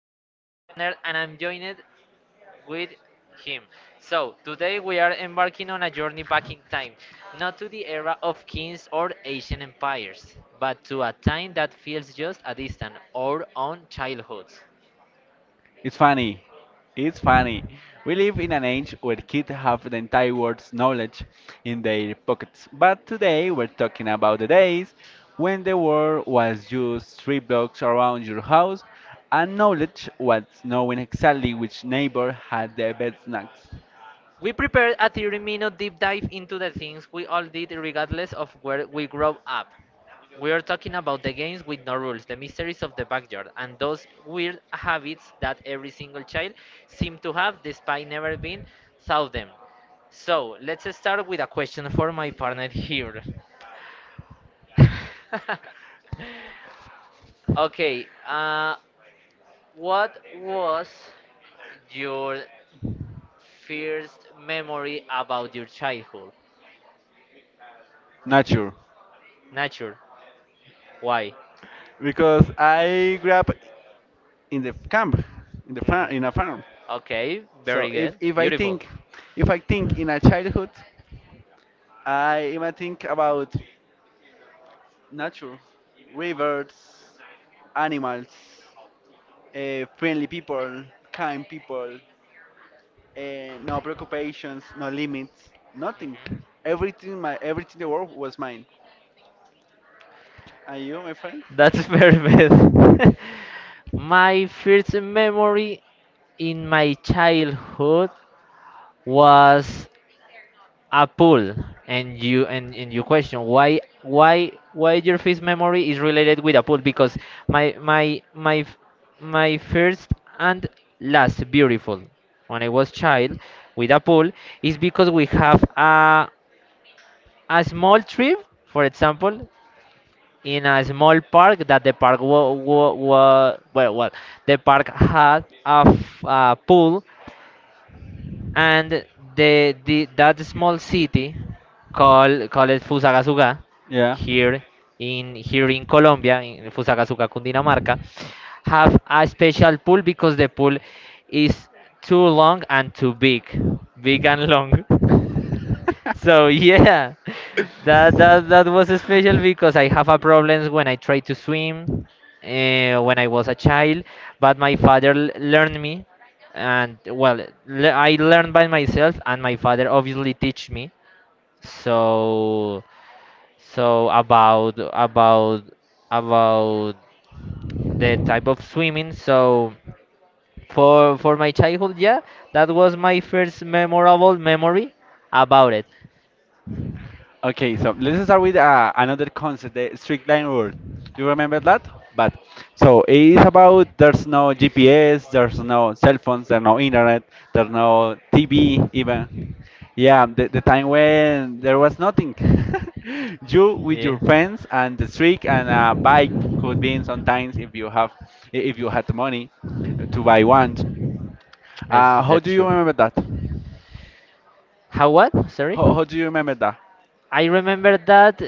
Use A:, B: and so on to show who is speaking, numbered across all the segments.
A: my co-partner and I'm joined with him. So, today we are embarking on a journey back in time, not to the era of kings or ancient empires, but to a time that feels just a distant, our own childhoods.
B: It's funny. It's funny. We live in an age where kids have the entire world's knowledge in their pockets. But today we're talking about the days when the world was just three blocks around your house and knowledge was knowing exactly which neighbor had the best snacks.
A: We prepared a 30-minute minute deep dive into the things we all did regardless of where we grew up. We are talking about the games with no rules, the mysteries of the backyard, and those weird habits that every single child seems to have despite never being through them. So, let's start with a question for my partner here. Okay, what was your first memory about your childhood?
B: Not sure.
A: Nature. Why?
B: Because I grew up in the camp, in the farm, in a farm.
A: Okay,
B: So
A: very
B: if,
A: good.
B: if I
A: Beautiful.
B: think if I think in a childhood, I even think about nature, rivers, animals, friendly people, kind people, no preoccupations, no limits, nothing.
A: Mhm.
B: My everything in the world was mine. And you, my friend?
A: That's very bad. My first memory in my childhood was a pool. And you, and you question: why your first memory is related with a pool? Because my my my f- my first and last beautiful when I was child with a pool is because we have a small trip, for example, in a small park. That the park wa, wa, wa, well well the park had a pool. And the that small city called Fusagasugá,
B: Yeah.
A: here here in Colombia, in Fusagasugá, Cundinamarca, have a special pool because the pool is too long and too big big and long. So yeah, that was special because I have a problems when I try to swim, when I was a child. But my father learned me, and well, le I learned by myself, and my father obviously teach me. So, so about about about the type of swimming. So for my childhood, yeah, that was my first memorable memory about it.
B: Okay, so let's start with another concept, the strict line rule. Do you remember that? But so it is about there's no GPS, there's no cell phones, there's no internet, there's no TV even. Yeah, the time when there was nothing. You with
A: Yeah.
B: your friends and the streak and a bike could be in sometimes if you had the money to buy one. How do
A: It's
B: you
A: true.
B: remember that?
A: How? What? Sorry?
B: How do you remember that?
A: I remember that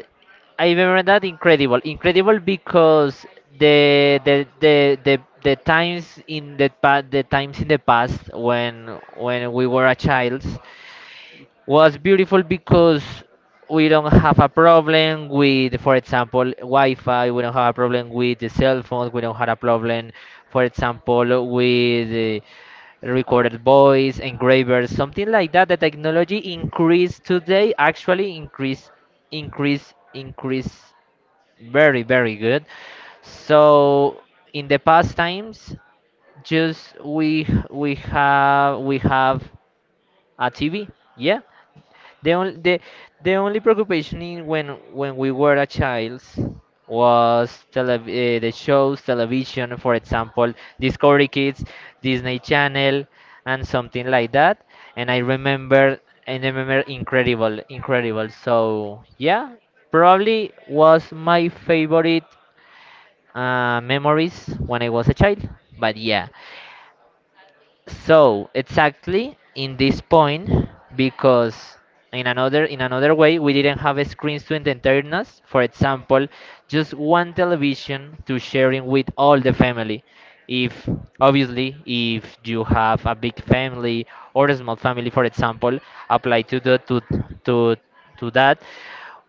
A: I remember that incredible. Incredible, because the the the the, the times in the past, when we were a child was beautiful, because we don't have a problem with, for example, Wi-Fi. We don't have a problem with the cell phones. We don't have a problem, for example, with recorded voice, engravers, something like that. The technology increased today, actually increase, increase, increase, very, very good. So in the past times, just we have a TV, yeah. The only preoccupation in when we were a child was tele the shows, television, for example, Discovery Kids, Disney Channel, and something like that. And I remember Incredible, Incredible. So yeah, probably was my favorite memories when I was a child. But yeah, so exactly in this point, because in another way we didn't have screens to entertain us, for example. Just one television to sharing with all the family, if, obviously, if you have a big family or a small family, for example, apply to to that.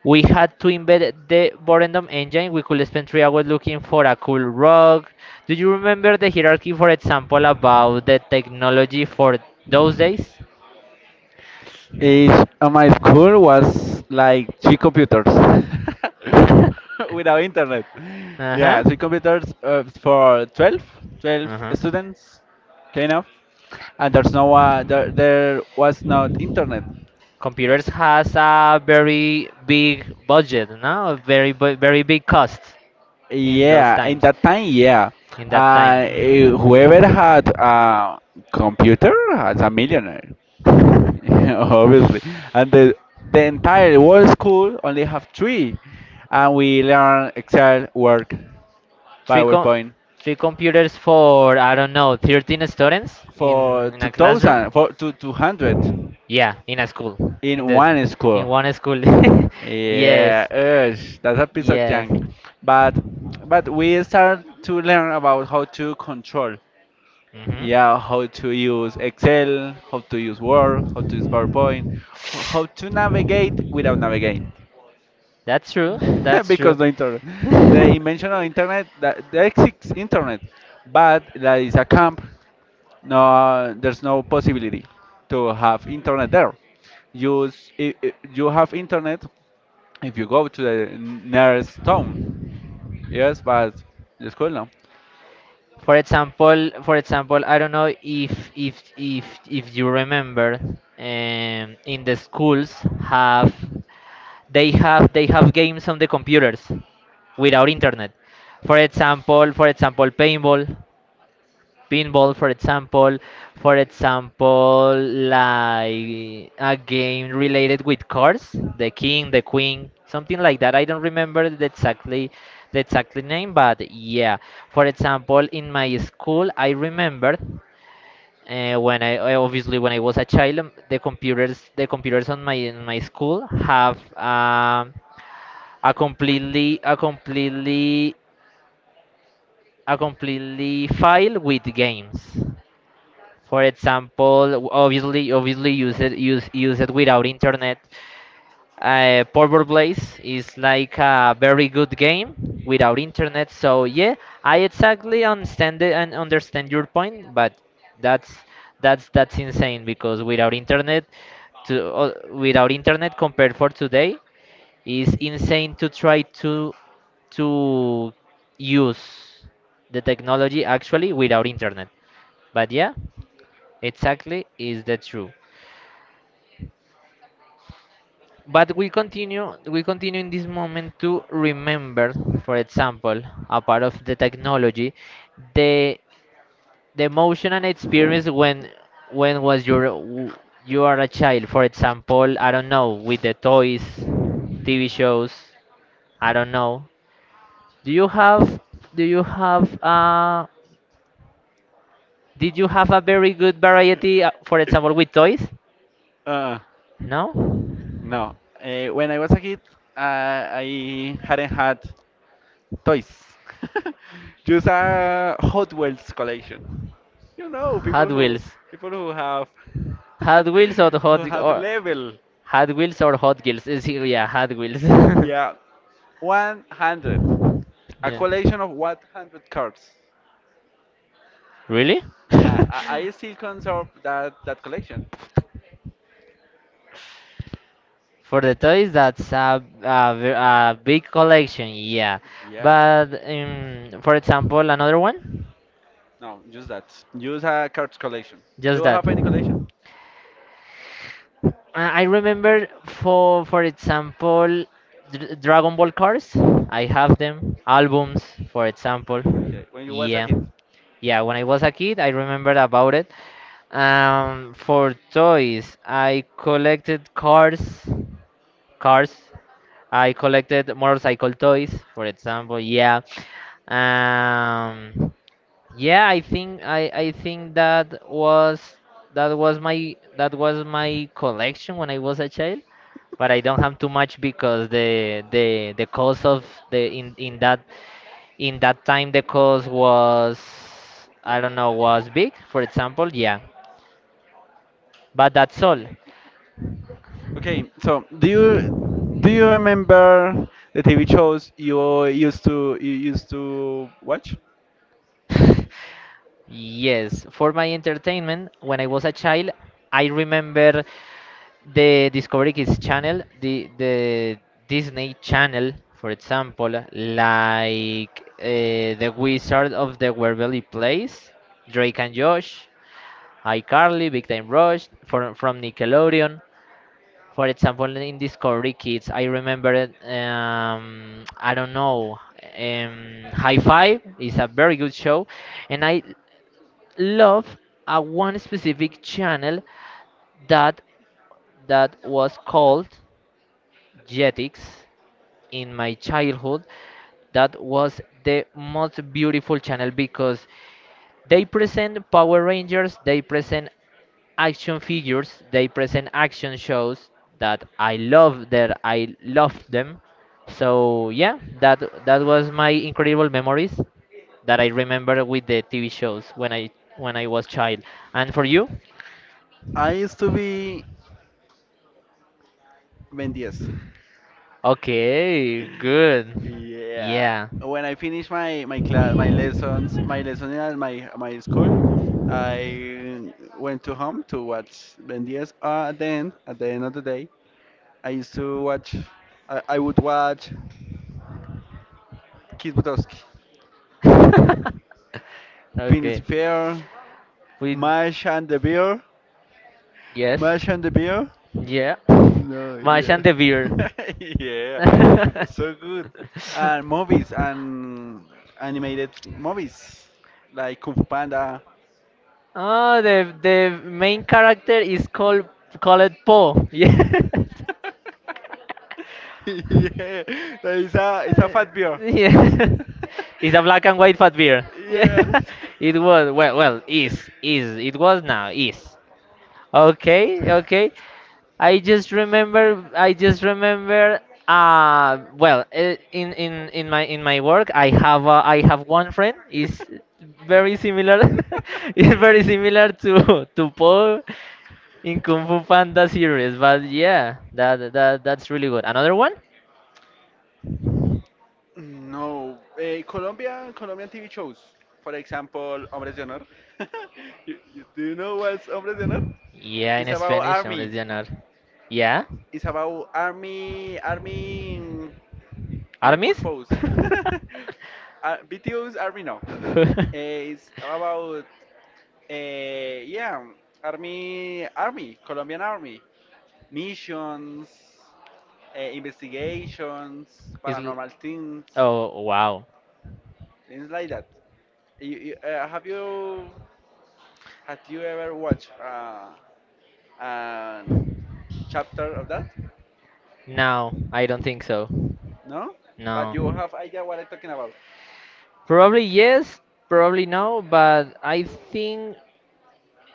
A: We had to embed the Borendum engine. We could spend 3 hours looking for a cool rug. Do you remember the hierarchy, for example, about the technology for those days?
B: Is My school was like three computers without internet.
A: Uh
B: Yeah,
A: huh.
B: three computers for twelve
A: Uh huh.
B: students, kind of. And there's no there, there was not internet.
A: Computers has a very big budget, no? A very very big cost in those
B: Yeah, in
A: times,
B: that time, yeah.
A: in that time.
B: Whoever had a computer was a millionaire. Obviously. And the entire world school only have three, and we learn Excel, Word,
A: Three com-
B: PowerPoint
A: Three computers for, I don't know, 13 students in
B: for
A: in a classroom.
B: 2000, for two 200,
A: Yeah, in a school. In
B: in
A: the
B: one
A: in
B: school.
A: one school. Yes.
B: Yeah, ugh, that's a piece of
A: Yes.
B: junk. But but we start to learn about how to control.
A: Mhm.
B: Yeah, how to use Excel, how to use Word, how to use PowerPoint, how to navigate without navigate.
A: That's true. That's
B: Because
A: true.
B: the internet, the invention of internet, that there exists internet, but that is a camp. No, there's no possibility to have internet there. You s- I- you have internet if you go to the nearest town. Yes, but the school no.
A: For example, I don't know if you remember, um, in the schools have, they have games on the computers without internet. For example, paintball. Pinball, for example. for example like a game related with cars, the king, the queen, something like that. I don't remember the exactly, name, but yeah, for example, in my school, I remember, when obviously when I was a child, the computers on my, in my school have, a completely, a completely file with games. For example, obviously, use it, use use it without internet. Purple Blaze is like a very good game without internet. So yeah, I exactly understand it and understand your point, but that's that's insane because, without internet, to without internet compared for today, is insane to try to use the technology actually without internet. But yeah. Exactly is the true. But we continue in this moment to remember, for example, a part of the technology, the the emotion and experience when, when was your w- you are a child, for example. I don't know, with the toys, TV shows, I don't know. Do you have do you have did you have a very good variety, for example, with toys?
B: Uh,
A: No?
B: no. When I was a kid, uh, I hadn't had toys. Just a Hot Wheels collection. You know,
A: Hot
B: people who
A: Wheels.
B: people who have
A: Hot Wheels or the
B: who
A: Hot
B: have
A: or
B: level.
A: Hot Wheels or Hot Wheels? Is he, yeah, Hot Wheels. Yeah.
B: Yeah, 100. A collection of 100 cards.
A: Really?
B: Yeah, I still conserve that collection.
A: For the toys, that's a big collection, yeah.
B: Yeah.
A: But for example, another one?
B: No, just that. Use a cards collection. Do
A: Just
B: you
A: that.
B: have any collection?
A: I remember, for, example, Dragon Ball cards. I have them. Albums, for example.
B: Okay, when you was a
A: Yeah,
B: kid.
A: yeah. When I was a kid, I remembered about it. For toys, I collected cars. Cars. I collected motorcycle toys, for example. Yeah. Um, yeah, I think that was, that was my collection when I was a child, but I don't have too much because the cost of the, in that time, the cost was, I don't know, was big, for example, yeah. But that's all.
B: Okay, so do you remember the TV shows you used to watch?
A: Yes, for my entertainment, when I was a child, I remember the Discovery Kids channel, the Disney Channel, for example, like, The Wizard of the Waverly Place, Drake and Josh, iCarly, Big Time Rush, from, Nickelodeon. For example, in Discovery Kids, I remember, I don't know, High Five is a very good show. And I love a one specific channel, that that was called Jetix in my childhood. That was the most beautiful channel because they present Power Rangers, they present action figures, they present action shows that I love, them. So yeah, that was my incredible memories that I remember with the TV shows when I, was child. And for you?
B: I used to be Ben 10.
A: Okay, good.
B: Yeah,
A: Yeah.
B: when I finish my class, my lessons, my lesson at my school, I went to home to watch Ben 10. At the end of the day, I used to watch. I would watch Kid Butowski, Phineas
A: Okay.
B: Fair,
A: We
B: Marsh and the Bear,
A: yes.
B: Marsh and the Bear.
A: Yeah.
B: No,
A: Mash
B: yeah.
A: and the beer.
B: Yeah, so good. And movies and animated movies like Kung Fu Panda.
A: Oh, the main character is called, Po. Yeah.
B: Yeah, that is a it's a fat beer.
A: Yeah. It's a black and white fat beer. Yeah.
B: Yeah.
A: It was well, is, it was, now is. Okay, okay. I just remember. Well, in my work, I have, one friend. Is very similar, is very similar to Paul in Kung Fu Panda series. But yeah, that's really good. Another one?
B: No, Colombian TV shows. For example, Hombres de Honor. Do you know what's Hombres de Honor?
A: Yeah,
B: It's
A: in
B: about
A: Spanish, Hombres
B: army.
A: de Honor. Yeah,
B: It's about army
A: Aramis.
B: purpose. BTO's army now. It's about yeah, Colombian army, missions, investigations,
A: Is l-
B: paranormal things,
A: oh, wow.
B: things like that. You, have you had you ever watched a chapter of that?
A: No, I don't think so.
B: No, but
A: No.
B: you have idea what I'm talking about.
A: Probably yes, probably no, but I think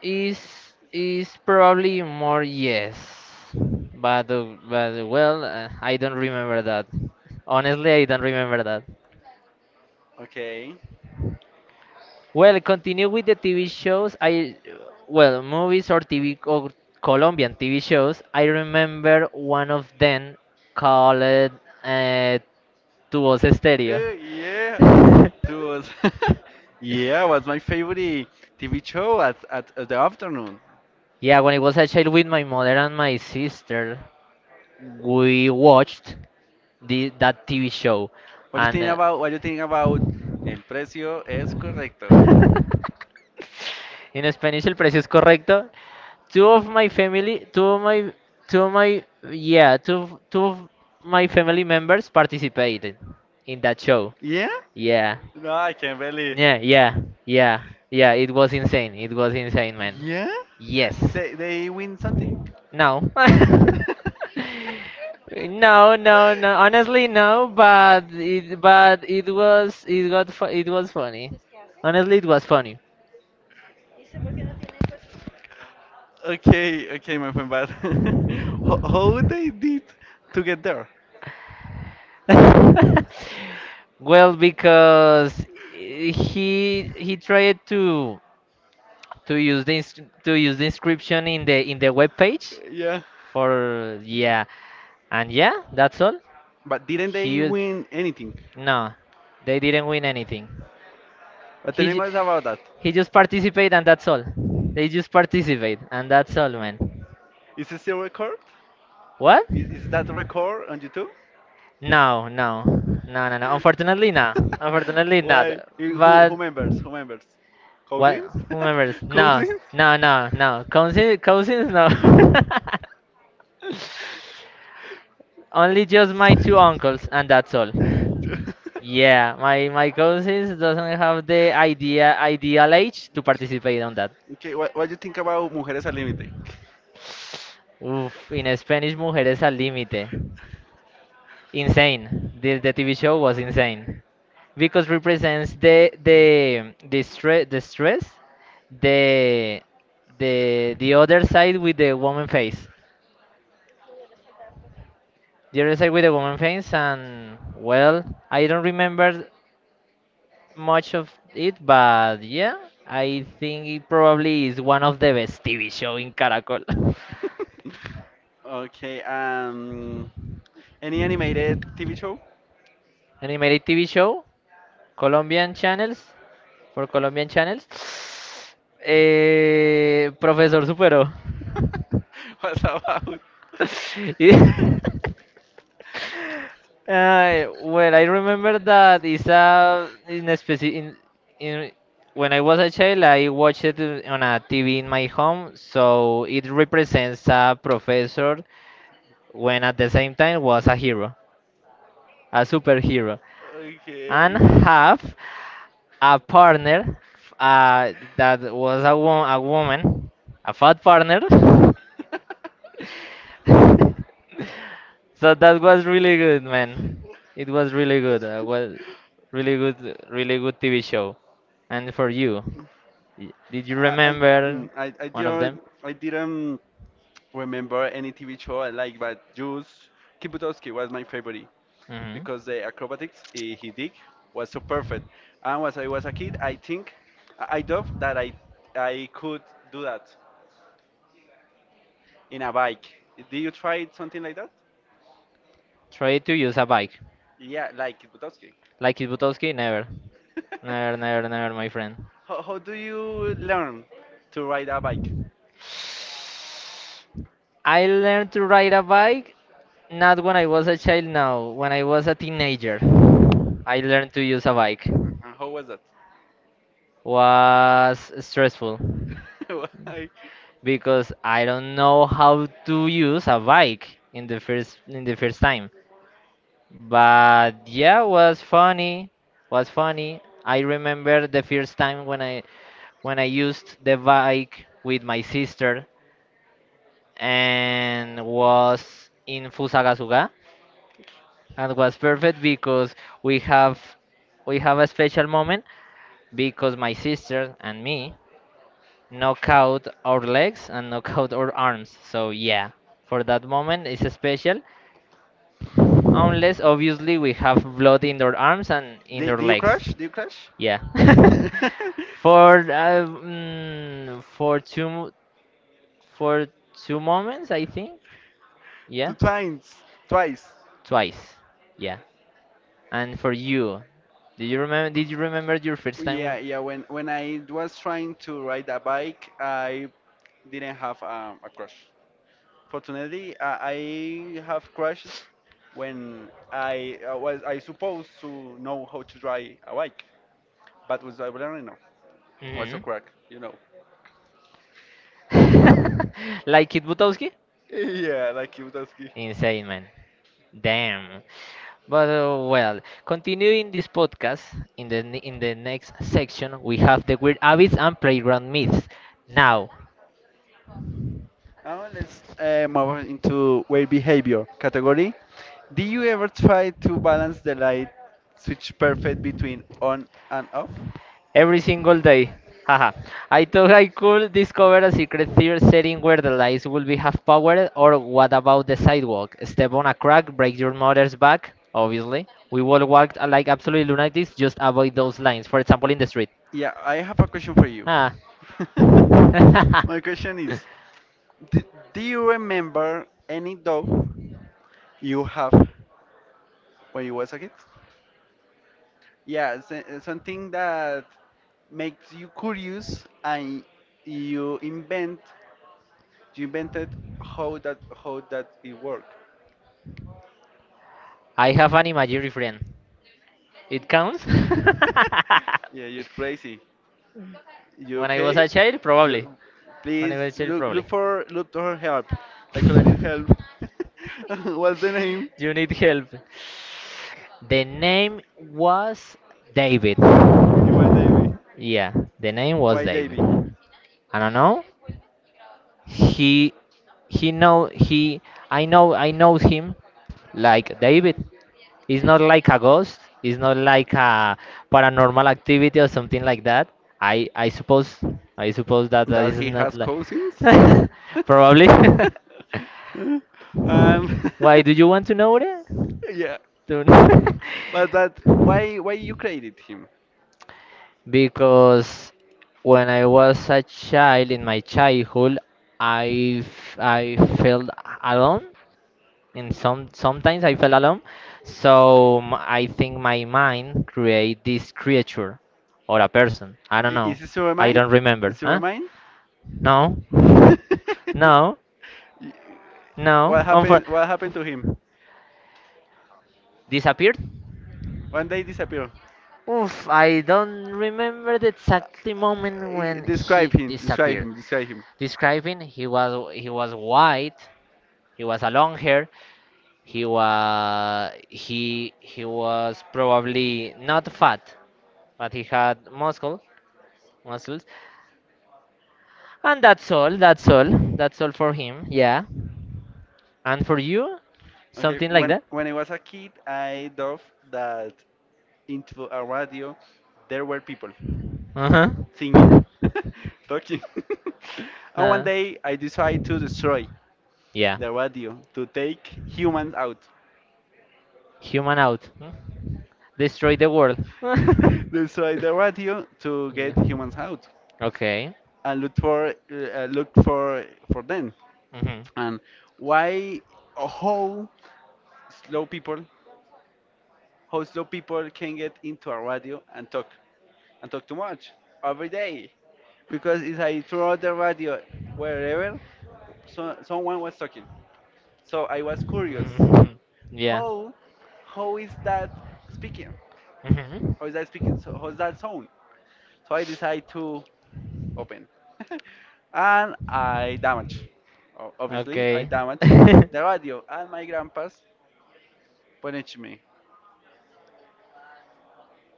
A: is is probably more yes. But, well, I don't remember that. Honestly, I don't remember that.
B: Okay.
A: Well, continue with the TV shows. Well, movies or TV or Colombian TV shows. I remember one of them called, Tu Voz Stereo.
B: Yeah, it yeah, was my favorite TV show at the afternoon.
A: Yeah, when I was a child with my mother and my sister, we watched that TV show,
B: What you think
A: and
B: about? What you think about? El precio es correcto.
A: uh, In Spanish, el precio es correcto. Two of my family, two of my, yeah, two of my family members participated in that show.
B: Yeah?
A: Yeah,
B: No, I can't believe.
A: yeah, yeah, yeah, yeah. It was insane. It was insane, man.
B: Yeah?
A: Yes.
B: They win something?
A: No. No, no, no. Honestly, no. But it it was funny. Honestly, it was funny.
B: Okay, okay, my friend. But how they did to get there?
A: Well, because he tried
B: Two
A: to
B: years.
A: use the ins- to
B: Two years.
A: use the inscription in the web page
B: Yeah.
A: for, yeah, and yeah, that's all.
B: But didn't
A: He
B: they
A: u-
B: win anything?
A: no, they didn't win anything.
B: But tell
A: He
B: me
A: ju-
B: more about that.
A: he just participated and that's all. They just participate and that's all, man.
B: Is it still record?
A: What?
B: Is that record on YouTube?
A: No, no, no, no, no. Unfortunately, no. Unfortunately, not.
B: Why? Who
A: But.
B: members? Who members?
A: What?
B: Cousins?
A: Who remembers? No,
B: Cousins?
A: no, no, no. Cousins, no. Only just my two uncles, and that's all. Yeah, my cousins doesn't have the ideal age to participate on that.
B: Okay, what do you think about Mujeres al Límite?
A: Oof, in Spanish, mujeres al límite. Insane. The TV show was insane because represents the stress, the the other side with the woman face, and well, I don't remember much of it. But yeah, I think it probably is one of the best TV show in Caracol.
B: Okay, any animated TV show?
A: Animated TV show, Colombian channels, for Colombian channels. Profesor Supero.
B: What about?
A: Y- well, I remember that it's a in a speci in when I was a child, I watched it on a TV in my home, so it represents a professor when at the same time was a hero, a superhero, and have a partner that was a woman, a fat partner.
B: Okay.
A: So that was really good, man. It was really good. Was really good, really good TV show. And for you, did you
B: I remember.
A: remember
B: I I
A: one of them?
B: didn't I didn't remember any TV show I like, but just Kibutowski was my favorite
A: Hmm.
B: because the acrobatics he did was so perfect. And when I was a kid, I think I thought that I could do that in a bike. Did you try something like that?
A: Try to use a bike,
B: Yeah, like Kibutowski.
A: like Kibutowski, never, never, never, never, my friend.
B: How do you learn to ride a bike?
A: I learned to ride a bike not when I was a child now, when I was a teenager. I learned to use a bike.
B: And how was that?
A: Was stressful
B: Why?
A: because I don't know how to use a bike in the first time. But yeah, was funny. Was funny. I remember the first time when I used the bike with my sister and was in Fusagasugá and was perfect because we have we have a special moment because my sister and me knock out our legs and knock out our arms. So yeah, for that moment it's special unless obviously we have blood in our arms and in
B: Do,
A: our
B: do you
A: legs.
B: crash? Do you crash?
A: Yeah.
B: Yeah.
A: For for two moments I think.
B: Two
A: Yeah.
B: times, twice.
A: Twice. Yeah. And for you, do you remember? Did you remember your first time?
B: Yeah,
A: One?
B: yeah. When I was trying to ride a bike, I didn't have a crash. Fortunately, I have crashes when I was I supposed to know how to ride a bike, but was I learning now? Was a
A: Mhm.
B: crack? You know.
A: Like Kid Butowski?
B: Yeah, like Kiyosaki.
A: Insane man. Damn. But well, continuing this podcast, in the next section we have the weird habits and playground myths. Now,
B: Now let's move on into weight behavior category. Do you ever try to balance the light switch perfect between on and off?
A: every single day. Haha. I thought I could discover a secret theater setting where the lights will be half powered, or what about the sidewalk? Step on a crack, break your mother's back, obviously. We will walk like absolute lunatics, just avoid those lines, for example, in the street.
B: Yeah, I have a question for you.
A: Ah.
B: My question is, d- do you remember any dog you have when you was a kid? Yeah, it's, something that makes you curious and you invent, you invented how that it work.
A: I have an imaginary friend. It counts?
B: Yeah, you're crazy. You
A: When I was
B: okay?
A: a child, probably.
B: You,
A: When I
B: please
A: was a child,
B: look
A: probably.
B: look for help. Psychologist help. What's the name?
A: You need help. The name was David.
B: Why Davy?
A: Yeah, the name was David.
B: Davy?
A: I don't know. He he know he I know him like David. It's not like a ghost. It's not like a paranormal activity or something like that. I I suppose I suppose that
B: That
A: is
B: he
A: not
B: has
A: like
B: cousins?
A: probably.
B: Um.
A: Why do you want to know it?
B: Yeah,
A: Don't.
B: but that why you created him?
A: Because when I was a child in my childhood, I felt alone, and sometimes I felt alone. So I think my mind create this creature or a person. I don't know.
B: Is it your I
A: I
B: mind?
A: don't remember. Huh? No, no,
B: Y- What
A: no.
B: happened? What happened to him?
A: Disappeared.
B: One day disappeared.
A: Oof,
B: Uh,
A: I don't remember the exact moment when
B: Describe
A: he
B: him. Describe
A: disappeared.
B: him. Describe him.
A: Describing he was white, he was a long hair, he was probably not fat, but he had muscles, and that's all. That's all. That's all for him. Yeah, and for you,
B: Okay.
A: something like
B: When
A: that.
B: when I was a kid, I thought that into a radio there were people
A: Uh
B: singing,
A: huh.
B: talking. And one
A: Uh,
B: day I decided to destroy
A: yeah.
B: the radio to take humans out.
A: Human out. Hmm? Destroy the world.
B: Destroy the radio to
A: Yeah.
B: get humans out
A: Okay.
B: and look for them.
A: Mhm.
B: And why how slow people how slow people can get into a radio and talk too much every day, because it's like throughout the radio, wherever, so, someone was talking. So I was curious
A: Mhm. Yeah.
B: how how is that speaking
A: Mhm.
B: how is that speaking, so how's that sound. So I decided to open and I obviously I
A: Okay.
B: damage the radio, and my grandpa's punished me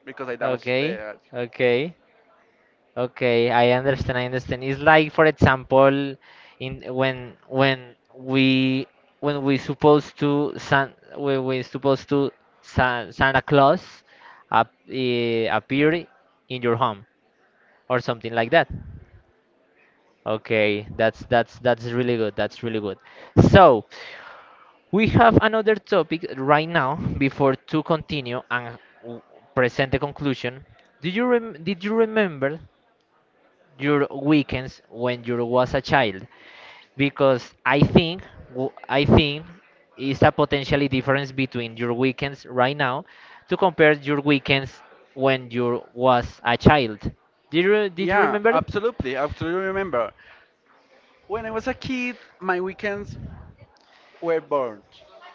B: because I damaged the
A: Okay,
B: radio.
A: okay, okay. I understand. I understand. It's like, for example, in when we supposed to San when we supposed to Santa Claus appear in your home, or something like that. Okay, that's really good. That's really good. So we have another topic right now before to continue and present the conclusion. Did you remember your weekends when you was a child? Because I think is a potentially difference between your weekends right now to compare your weekends when you was a child. Did you
B: Yeah,
A: remember?
B: absolutely. I absolutely remember. When I was a kid, my weekends were bored.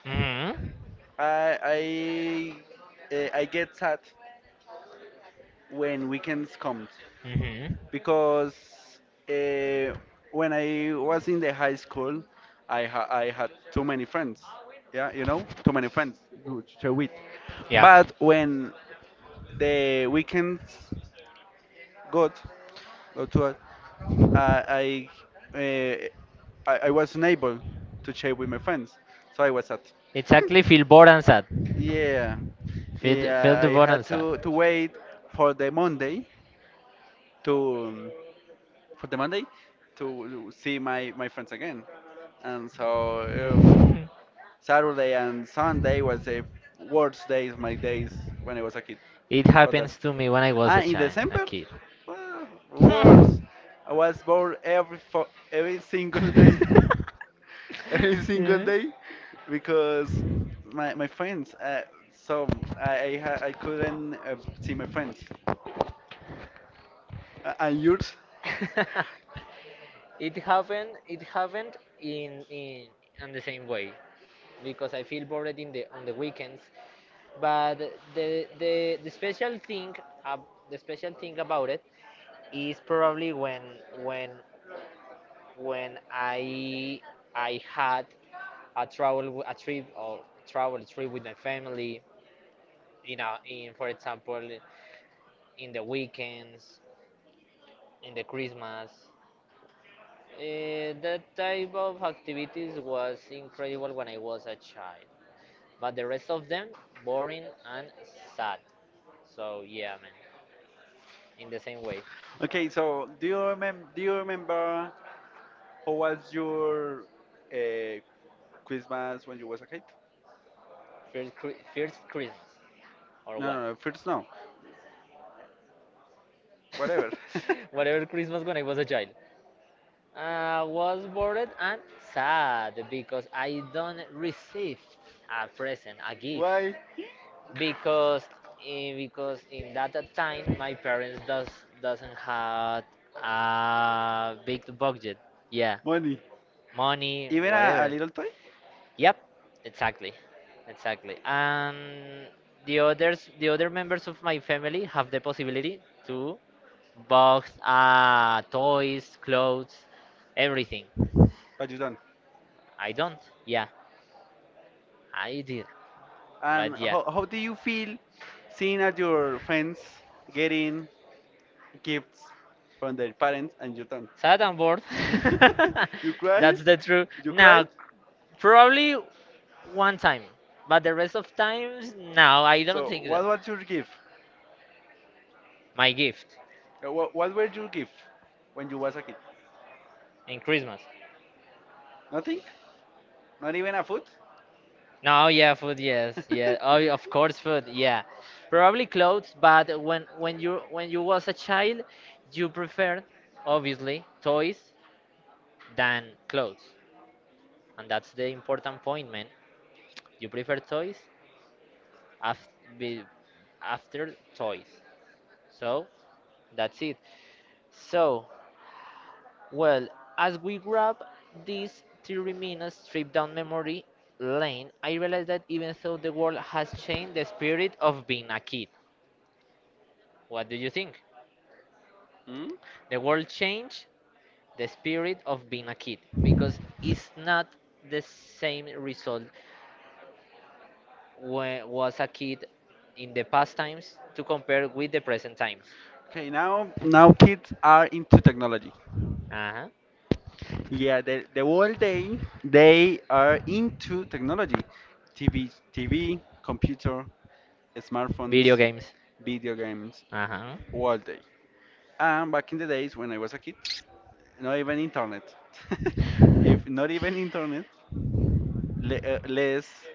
A: Mm-hmm.
B: I I I get sad when weekends comes,
A: Mm-hmm.
B: because
A: Um,
B: uh, when I was in the high school, I had too many friends. Yeah, too many friends to share with.
A: yeah.
B: But when the weekends got got to us, I I, I was unable to share with my friends, so I was sad.
A: Exactly, feel bored and sad.
B: Yeah,
A: Feel, yeah, feel
B: yeah,
A: the
B: I
A: bored
B: had
A: and sad.
B: to wait for the Monday to for the Monday to see my friends again, and so if Saturday and Sunday was the worst days, my days when I was a kid.
A: It
B: For that,
A: happens to me when I was a
B: in
A: child, a
B: December,
A: kid.
B: well,
A: Yes.
B: worse. I was bored every single day. Every single day because my friends. So I couldn't see my friends, and yours.
A: Yeah. It happened, it happened in in in the same way because I feel bored in the on the weekends. But the the, the special thing uh, the special thing about it is probably when when I had a a trip or travel trip with my family, you know, in, for example, in the weekends, in the Christmas. That type of activities was incredible when I was a child, but the rest of them boring and sad. So yeah, man, in the same way,
B: Okay, so do you remember how was your uh, Christmas when you was a kid?
A: first, first Christmas or
B: No,
A: what?
B: no, no, first no, whatever.
A: Whatever Christmas when I was a child, I was bored and sad because I don't receive a present, a gift,
B: Why?
A: because because in that time my parents doesn't have a big budget, yeah,
B: Money.
A: money,
B: Even a
A: whatever.
B: little toy,
A: Yep, exactly, exactly. And the other members of my family have the possibility to box, toys, clothes, everything.
B: but you don't.
A: I don't. Yeah, I did, but
B: And
A: yeah,
B: how do you feel seeing at your friends getting gifts from their parents and you don't.
A: sad and bored.
B: You cried?
A: That's the truth.
B: You cried?
A: Now, probably one time, but the rest of times, no, I don't
B: So
A: think that.
B: what was your gift?
A: My gift
B: What were your gift when you was a kid?
A: in Christmas.
B: Nothing? Not even a food?
A: No, yeah, food, yes, yeah. Oh, yeah, of course, food, yeah. Probably clothes, but when you was a child, you preferred obviously toys than clothes, and that's the important point, man. You prefer toys after be, after toys. So that's it. So well, as we grab these 3 minutes trip down memory lane, I realized that even though the world has changed, the spirit of being a kid. What do you think?
B: Hmm?
A: The world changed the spirit of being a kid because it's not the same result when was a kid in the past times to compare with the present times.
B: Okay, now kids are into technology.
A: Uh-huh.
B: Yeah, the whole day they are into technology, TV, computer, smartphones,
A: Video games.
B: video games,
A: Uh-huh.
B: all day. And back in the days when I was a kid, not even internet. If not even internet, le less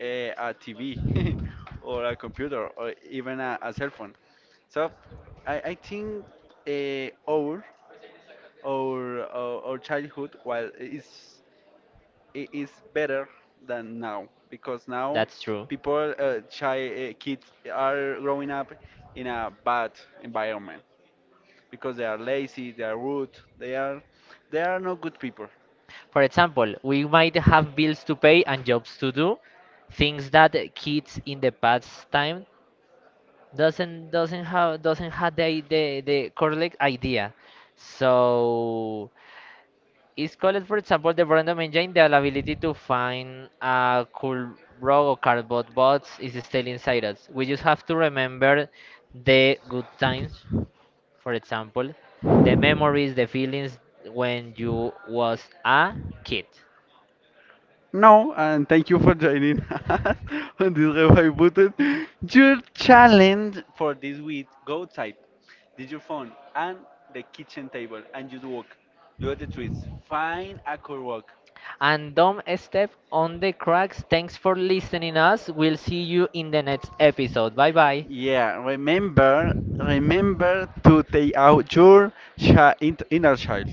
B: a TV or a computer or even a cell phone. So I think uh, our, our childhood, well, is it is better than now, because now
A: That's true.
B: kids are growing up in a bad environment, because they are lazy, they are rude, they are they are not good people.
A: For example, we might have bills to pay and jobs to do, things that kids in the past time doesn't have the correct idea. So it's called, for example, the random engine. The ability to find a cool rock or cardboard box is still inside us. We just have to remember the good times, for example, the memories, the feelings when you was a kid.
B: No, and thank you for joining us on this revive button. Your challenge for this week: go outside, did your phone and the kitchen table, and just walk, do the trees, find a cool walk.
A: And don't step on the cracks. Thanks for listening us. We'll see you in the next episode. Bye bye.
B: Yeah, remember to take out your inner child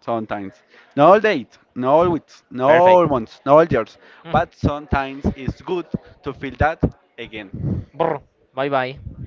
B: sometimes. Not all days, not all weeks, not all
A: Perfect.
B: months, not all years, but sometimes it's good to feel that again.
A: Bye bye.